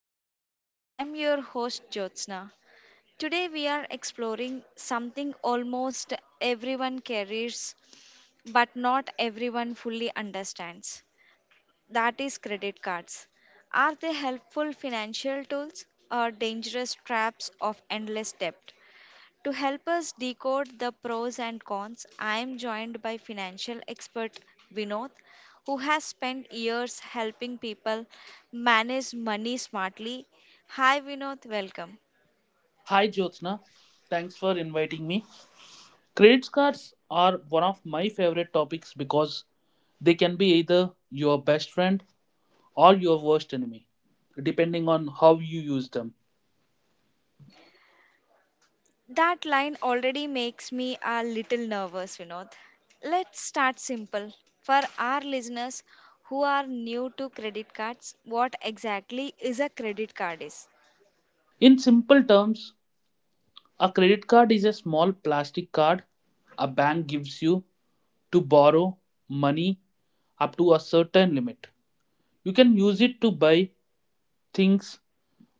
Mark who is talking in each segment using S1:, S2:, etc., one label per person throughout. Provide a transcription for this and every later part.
S1: life. I'm your host Jyotsna. Today we are exploring something almost everyone carries but not everyone fully understands. That is credit cards. Are they helpful financial tools or dangerous traps of endless debt? To help us decode the pros and cons, I am joined by financial expert Vinod, who has spent years helping people manage money smartly. Hi, Vinod, welcome.
S2: Hi Jyotsna, thanks for inviting me. Credit cards are one of my favorite topics because they can be either your best friend or your worst enemy, depending on how you use them.
S1: That line already makes me a little nervous, Vinod. Let's start simple. For our listeners who are new to credit cards, what exactly is a credit card is?
S2: In simple terms, a credit card is a small plastic card a bank gives you to borrow money up to a certain limit. You can use it to buy things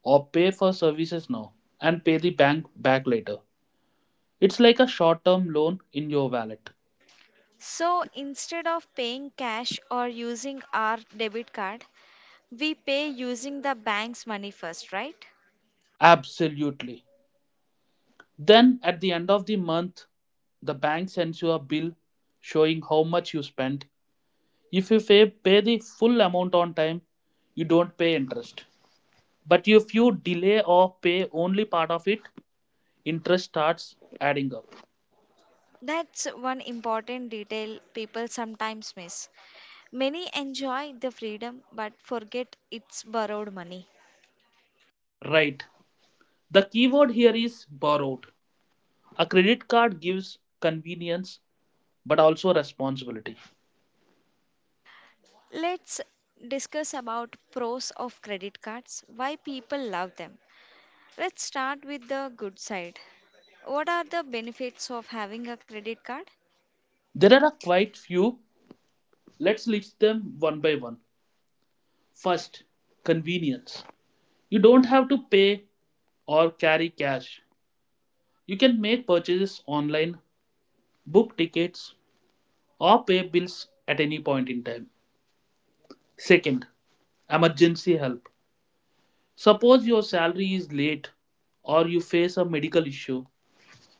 S2: or pay for services now and pay the bank back later. It's like a short term loan in your wallet.
S1: So instead of paying cash or using our debit card, we pay using the bank's money first, right?
S2: Absolutely. Then at the end of the month, the bank sends you a bill showing how much you spent. If you pay the full amount on time, you don't pay interest. But if you delay or pay only part of it, interest starts adding up.
S1: That's one important detail people sometimes miss. Many enjoy the freedom but forget it's borrowed money.
S2: Right. The keyword here is borrowed. A credit card gives convenience but also responsibility.
S1: Let's discuss about pros of credit cards, why people love them. Let's start with the good side. What are the benefits of having a credit card?
S2: There are a quite few. Let's list them one by one. First, convenience. You don't have to pay or carry cash. You can make purchases online, book tickets, or pay bills at any point in time. Second, emergency help. Suppose your salary is late or you face a medical issue,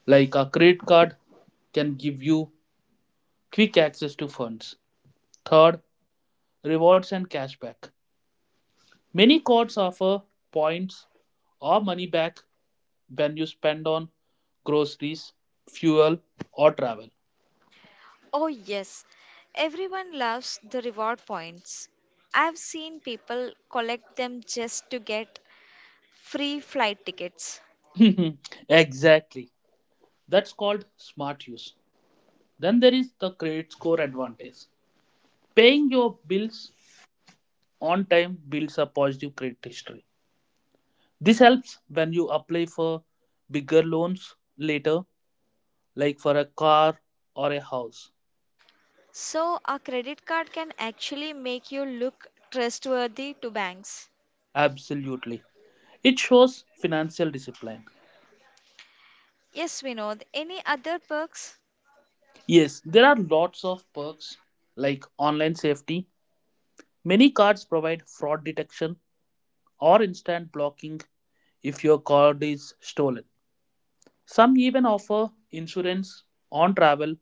S2: like a credit card can give you quick access to funds. Third, rewards and cashback. Many cards offer points or money back when you spend on groceries, fuel, or travel.
S1: Oh, yes, everyone loves the reward points. I've seen people collect them just to get free flight tickets.
S2: Exactly. That's called smart use. Then there is the credit score advantage. Paying your bills on time builds a positive credit history. This helps when you apply for bigger loans later, like for a car or a house.
S1: So, a credit card can actually make you look trustworthy to banks.
S2: Absolutely. It shows financial discipline.
S1: Yes, Vinod, any other perks?
S2: Yes, there are lots of perks like online safety. Many cards provide fraud detection or instant blocking if your card is stolen. Some even offer insurance on travel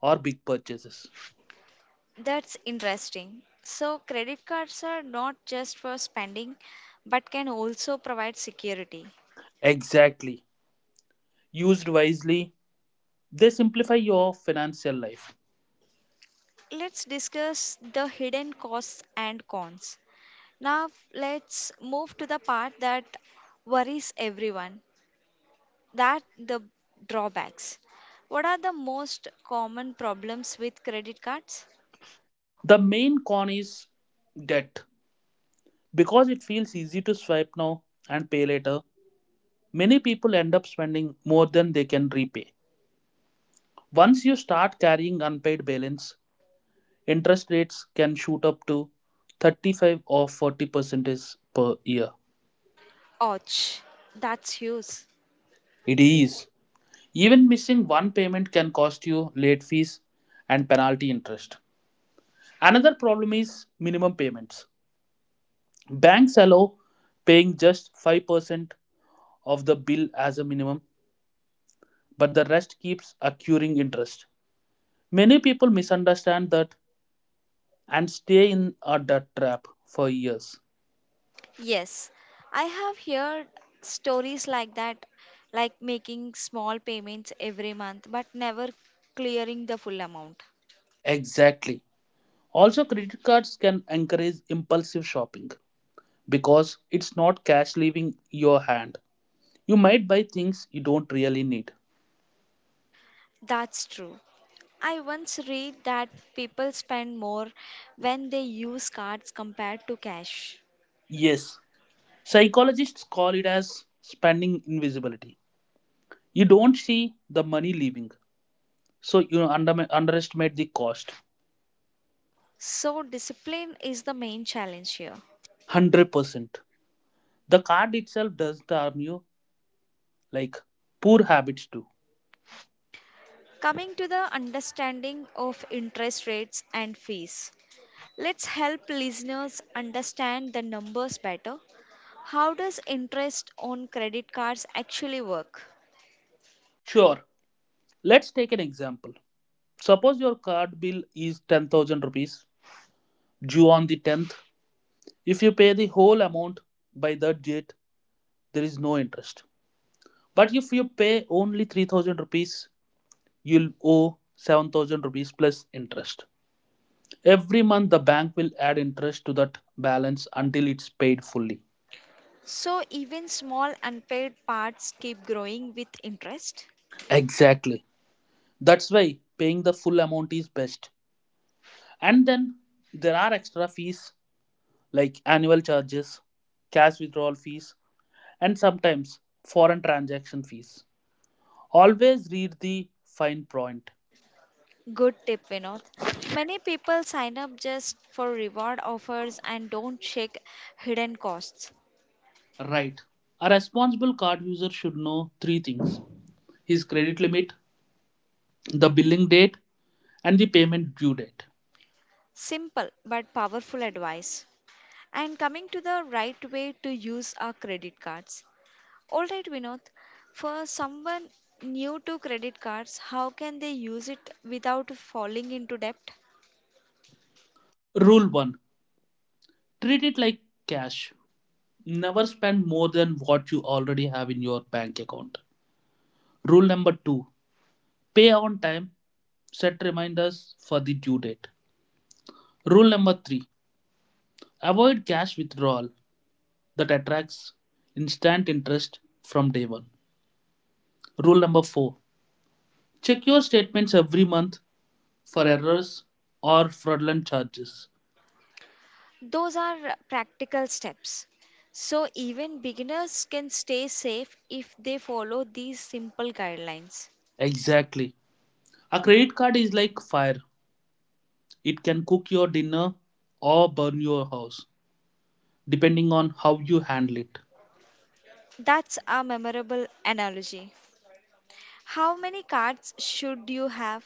S2: or big purchases.
S1: That's interesting. So, credit cards are not just for spending but can also provide security.
S2: Exactly. Used wisely, they simplify your financial life.
S1: Let's discuss the hidden costs and cons. Now, let's move to the part that worries everyone, that the drawbacks. What are the most common problems with credit cards?
S2: The main con is debt. Because it feels easy to swipe now and pay later, many people end up spending more than they can repay. Once you start carrying unpaid balance, interest rates can shoot up to 35 or 40% per year.
S1: Ouch, that's huge.
S2: It is. Even missing one payment can cost you late fees and penalty interest. Another problem is minimum payments. Banks allow paying just 5% of the bill as a minimum, but the rest keeps accruing interest. Many people misunderstand that and stay in a debt trap for years.
S1: Yes, I have heard stories like that, like making small payments every month but never clearing the full amount.
S2: Exactly. Also, credit cards can encourage impulsive shopping because it's not cash leaving your hand. You might buy things you don't really need.
S1: That's true. I once read that people spend more when they use cards compared to cash.
S2: Yes, psychologists call it as spending invisibility. You don't see the money leaving, so you underestimate the cost.
S1: So, discipline is the main challenge here.
S2: 100%. The card itself doesn't harm you, like poor habits do.
S1: Coming to the understanding of interest rates and fees, let's help listeners understand the numbers better. How does interest on credit cards actually work?
S2: Sure, let's take an example. Suppose your card bill is 10,000 rupees due on the 10th. If you pay the whole amount by that date, there is no interest. But if you pay only 3,000 rupees, you'll owe 7,000 rupees plus interest. Every month, the bank will add interest to that balance until it's paid fully.
S1: So, even small unpaid parts keep growing with interest.
S2: Exactly. That's why paying the full amount is best. And then there are extra fees like annual charges, cash withdrawal fees, and sometimes foreign transaction fees. Always read the fine print.
S1: Good tip, Vinod. Many people sign up just for reward offers and don't check hidden costs.
S2: Right. A responsible card user should know three things: his credit limit, the billing date, and the payment due date.
S1: Simple but powerful advice. And coming to the right way to use our credit cards. All right, Vinod, for someone new to credit cards, how can they use it without falling into debt?
S2: Rule 1: treat it like cash. Never spend more than what you already have in your bank account. Rule number 2: pay on time. Set reminders for the due date. Rule number 3: avoid cash withdrawal that attracts instant interest from day 1. Rule number 4: check your statements every month for errors or fraudulent charges.
S1: Those are practical steps. So, even beginners can stay safe if they follow these simple guidelines.
S2: Exactly. A credit card is like fire. It can cook your dinner or burn your house, depending on how you handle it.
S1: That's a memorable analogy. How many cards should you have?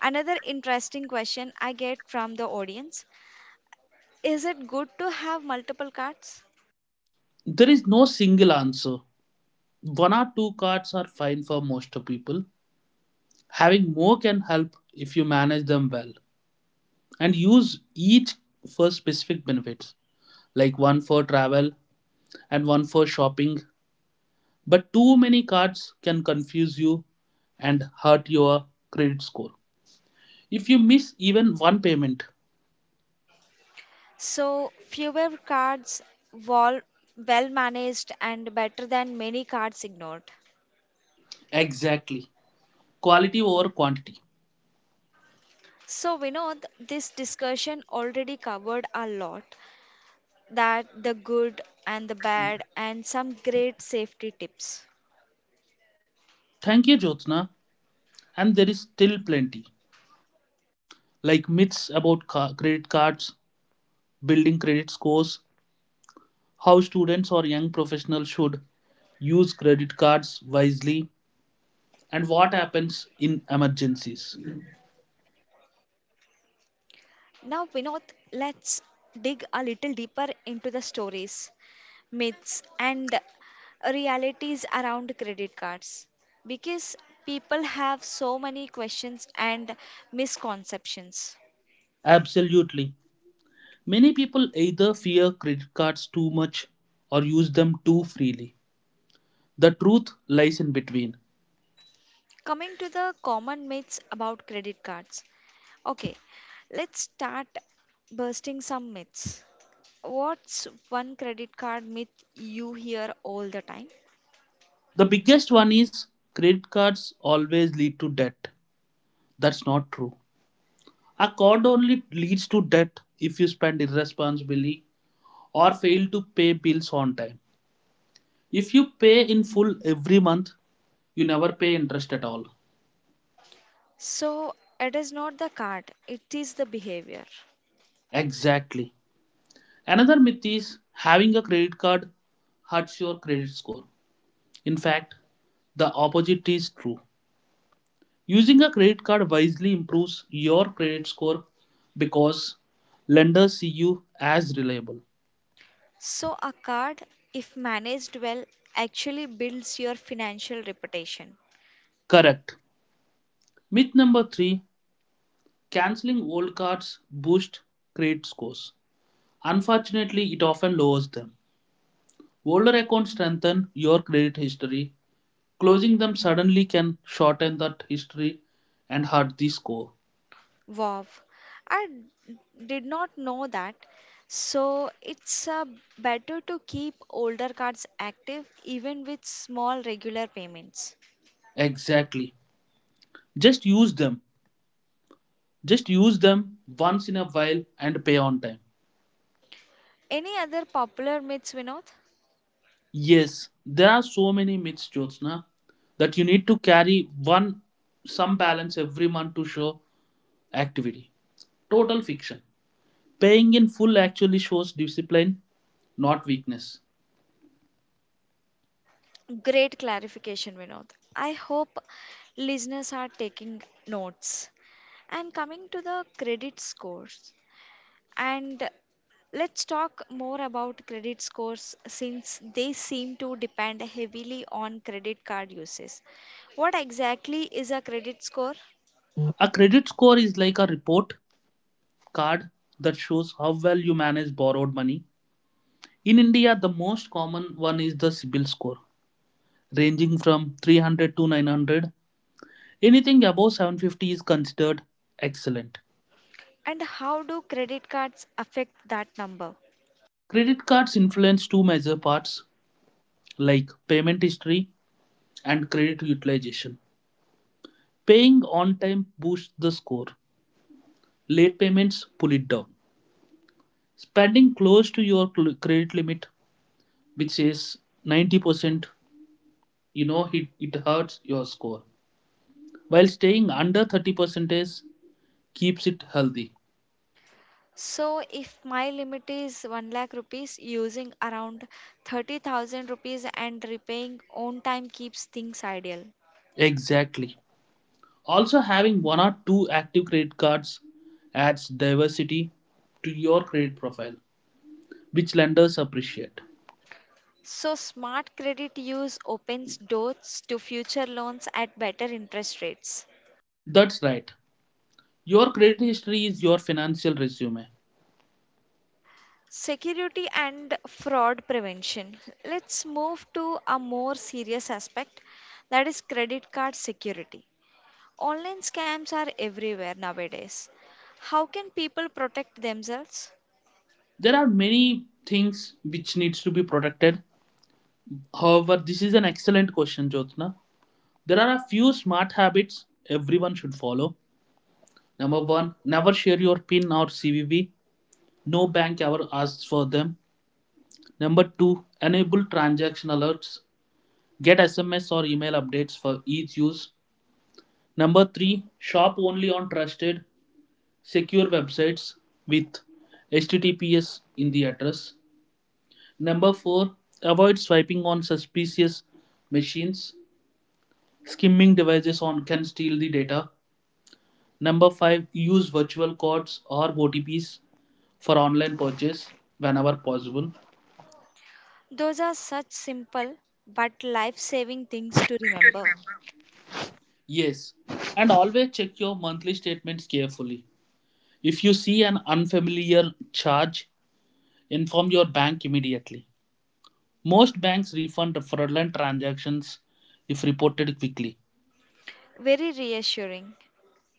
S1: Another interesting question I get from the audience: is it good to have multiple cards?
S2: There is no single answer. One or two cards are fine for most people. Having more can help if you manage them well and use each for specific benefits, like one for travel and one for shopping. But too many cards can confuse you and hurt your credit score. If you miss even one payment,
S1: So fewer cards, wall, well managed, and better than many cards ignored.
S2: exactly. Quality over quantity.
S1: So we know this discussion already covered a lot, that the good and the bad and some great safety tips.
S2: Thank you, Jyotsna. And there is still plenty, like myths about credit cards, building credit scores, how students or young professionals should use credit cards wisely, and what happens in emergencies.
S1: Now Vinod, let's dig a little deeper into the stories, myths and realities around credit cards because people have so many questions and misconceptions.
S2: Absolutely. Many people either fear credit cards too much or use them too freely. The truth lies in between.
S1: Coming to the common myths about credit cards. Okay, let's start bursting some myths. What's one credit card myth you hear all the time?
S2: The biggest one is credit cards always lead to debt. That's not true. A card only leads to debt if you spend irresponsibly or fail to pay bills on time. If you pay in full every month, you never pay interest at all.
S1: So, it is not the card, it is the behavior.
S2: Exactly. Another myth is having a credit card hurts your credit score. In fact, the opposite is true. Using a credit card wisely improves your credit score because lenders see you as reliable.
S1: So, a card, if managed well, actually builds your financial reputation.
S2: Correct. Myth number three: canceling old cards boosts credit scores. Unfortunately, it often lowers them. Older accounts strengthen your credit history. Closing them suddenly can shorten that history and hurt the score.
S1: Wow, I d- did not know that. So it's better to keep older cards active even with small regular payments.
S2: Exactly. Just use them Just use them once in a while and pay on time.
S1: Any other popular myths, Vinod?
S2: Yes, there are so many myths, Jyotsna, that you need to carry one some balance every month to show activity. Total fiction. Paying in full actually shows discipline, not weakness.
S1: Great clarification, Vinod. I hope listeners are taking notes. And coming to the credit scores, and let's talk more about credit scores since they seem to depend heavily on credit card uses. What exactly is a credit score
S2: A credit score is like a report card that shows how well you manage borrowed money. In India, the most common one is the CIBIL score, ranging from 300 to 900. Anything above 750 is considered excellent.
S1: and how do credit cards affect that number?
S2: Credit cards influence two major parts like payment history and credit utilization. Paying on time boosts the score. Late payments pull it down. Spending close to your credit limit, which is 90%, it it hurts your score. While staying under 30% is keeps it healthy.
S1: So, if my limit is 1 lakh rupees, using around 30,000 rupees and repaying on time keeps things ideal.
S2: Exactly. Also, having one or two active credit cards adds diversity to your credit profile, which lenders appreciate.
S1: So, smart credit use opens doors to future loans at better interest rates.
S2: That's right. Your credit history is your financial resume.
S1: Security and fraud prevention. Let's move to a more serious aspect, that is credit card security. Online scams are everywhere nowadays. How can people protect themselves?
S2: There are many things which needs to be protected. However, this is an excellent question, Jyotna. There are a few smart habits everyone should follow. Number one, never share your PIN or CVV. No bank ever asks for them. Number two, enable transaction alerts. Get SMS or email updates for each use. Number three, shop only on trusted, secure websites with HTTPS in the address. Number four, avoid swiping on suspicious machines. Skimming devices on can steal the data. Number five, use virtual codes or OTPs for online purchase whenever possible.
S1: Those are such simple but life saving things to remember.
S2: Yes, and always check your monthly statements carefully. If you see an unfamiliar charge, inform your bank immediately. Most banks refund fraudulent transactions if reported quickly.
S1: Very reassuring.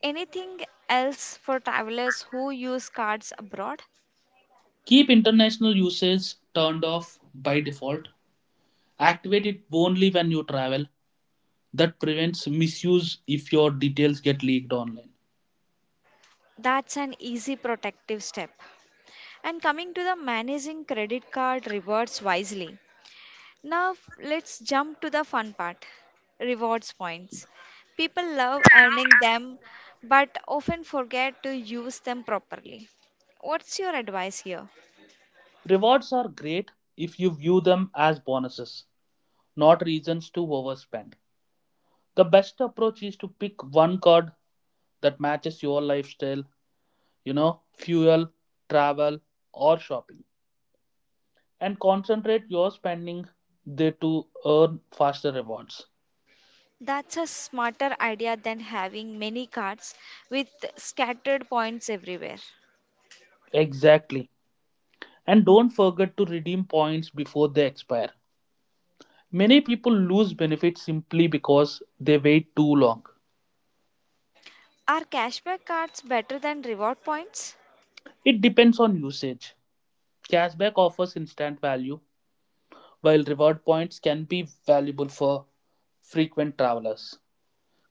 S1: Anything else for travelers who use cards abroad?
S2: Keep international usage turned off by default. Activate it only when you travel. That prevents misuse if your details get leaked online.
S1: That's an easy protective step. And coming to the managing credit card rewards wisely. Now, let's jump to the fun part, rewards points. People love earning them but often forget to use them properly. What's your advice here?
S2: Rewards are great if you view them as bonuses, not reasons to overspend. The best approach is to pick one card that matches your lifestyle, fuel, travel, or shopping, and concentrate your spending there to earn faster rewards.
S1: That's a smarter idea than having many cards with scattered points everywhere.
S2: Exactly. And don't forget to redeem points before they expire. Many people lose benefits simply because they wait too long.
S1: Are cashback cards better than reward points?
S2: It depends on usage. Cashback offers instant value, while reward points can be valuable for frequent travelers.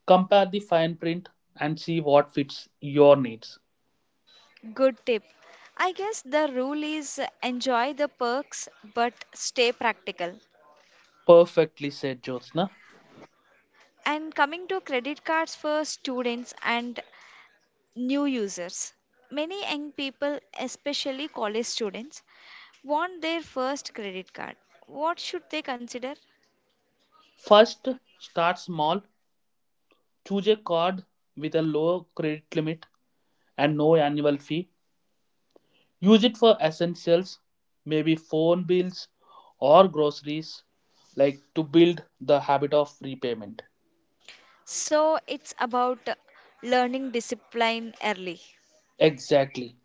S2: Compare the fine print and see what fits your needs.
S1: Good tip. I guess the rule is enjoy the perks but stay practical.
S2: Perfectly said, Jyotsna.
S1: And coming to credit cards for students and new users. Many young people, especially college students, want their first credit card. What should they consider?
S2: First, start small. Choose a card with a low credit limit and no annual fee. Use it for essentials, maybe phone bills or groceries, like to build the habit of repayment.
S1: So it's about learning discipline early.
S2: Exactly.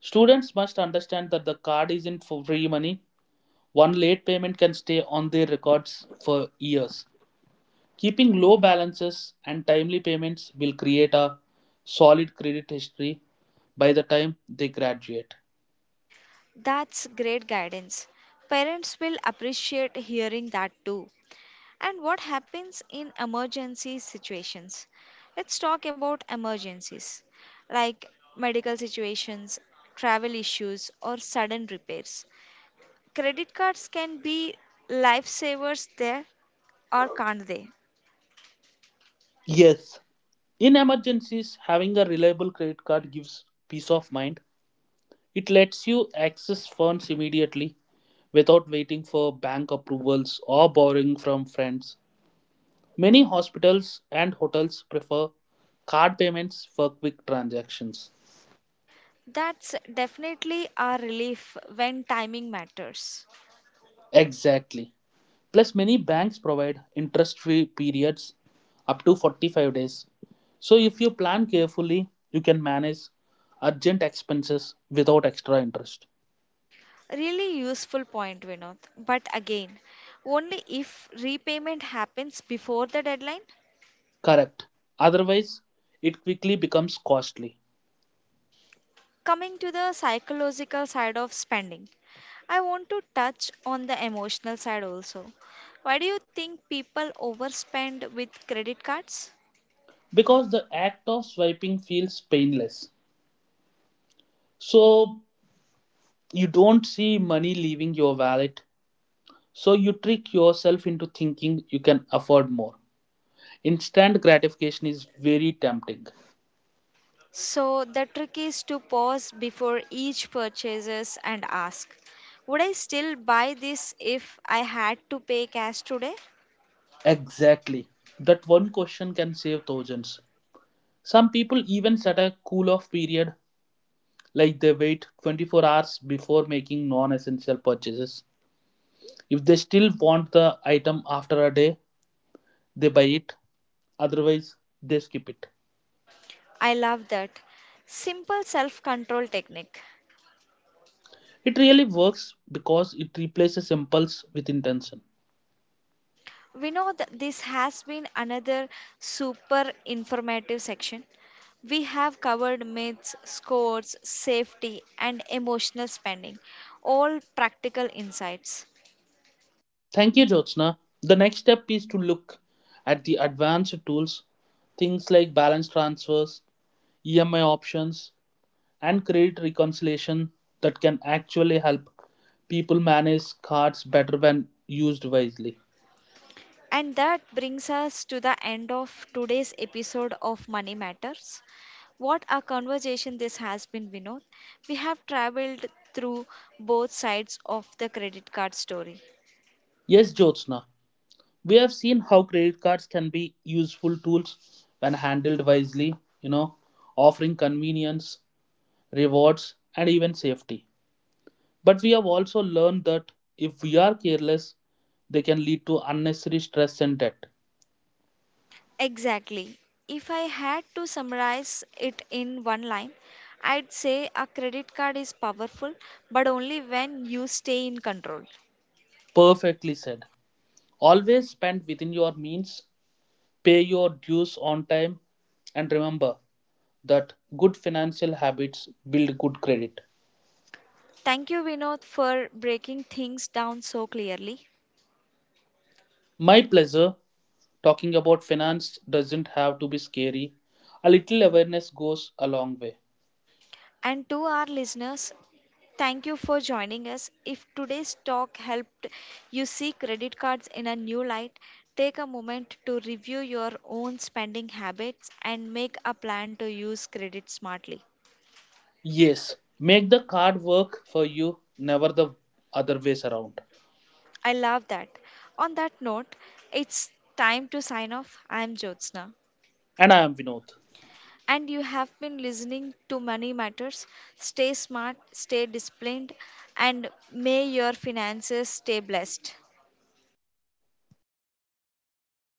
S2: Students must understand that the card isn't for free money. One late payment can stay on their records for years. Keeping low balances and timely payments will create a solid credit history by the time they graduate.
S1: That's great guidance. Parents will appreciate hearing that too. And what happens in emergency situations? Let's talk about emergencies like medical situations, travel issues, or sudden repairs. Credit cards can be lifesavers there, or can't they?
S2: Yes, in emergencies, having a reliable credit card gives peace of mind. It lets you access funds immediately without waiting for bank approvals or borrowing from friends. Many hospitals and hotels prefer card payments for quick transactions.
S1: That's definitely a relief when timing matters.
S2: Exactly. Plus, many banks provide interest free periods up to 45 days. So, if you plan carefully, you can manage urgent expenses without extra interest.
S1: Really useful point, Vinod. But again, only if repayment happens before the deadline.
S2: Correct. Otherwise, it quickly becomes costly
S1: Coming to the psychological side of spending, I want to touch on the emotional side also. Why do you think people overspend with credit cards?
S2: because the act of swiping feels painless. So, you don't see money leaving your wallet. So, you trick yourself into thinking you can afford more. Instant gratification is very tempting.
S1: So the trick is to pause before each purchases and ask, would I still buy this if I had to pay cash today?
S2: Exactly. That one question can save thousands. Some people even set a cool off period, like they wait 24 hours before making non essential purchases. If they still want the item after a day, they buy it; otherwise, they skip it.
S1: I love that. Simple self-control technique.
S2: It really works because it replaces impulse with intention.
S1: We know that this has been another super informative section. We have covered myths, scores, safety, and emotional spending, all practical insights.
S2: Thank you, Jyotsna. The next step is to look at the advanced tools, things like balance transfers, EMI options, and credit reconciliation that can actually help people manage cards better when used wisely.
S1: And that brings us to the end of today's episode of Money Matters. What a conversation this has been, Vinod. We have traveled through both sides of the credit card story.
S2: Yes, Jyotsna, we have seen how credit cards can be useful tools when handled wisely, you know, offering convenience, rewards, and even safety. But we have also learned that if we are careless, they can lead to unnecessary stress and debt.
S1: Exactly. If I had to summarize it in one line, I'd say a credit card is powerful, but only when you stay in control.
S2: Perfectly said. Always spend within your means, pay your dues on time, and remember that good financial habits build good credit.
S1: Thank you, Vinod, for breaking things down so clearly.
S2: My pleasure. Talking about finance doesn't have to be scary. A little awareness goes a long way.
S1: And to our listeners, thank you for joining us. If today's talk helped you see credit cards in a new light, take a moment to review your own spending habits and make a plan to use credit smartly.
S2: Yes, make the card work for you, never the other ways around.
S1: I love that. On that note, it's time to sign off. I am Jyotsna.
S2: And I am Vinod.
S1: And you have been listening to Money Matters. Stay smart, stay disciplined, and may your finances stay blessed.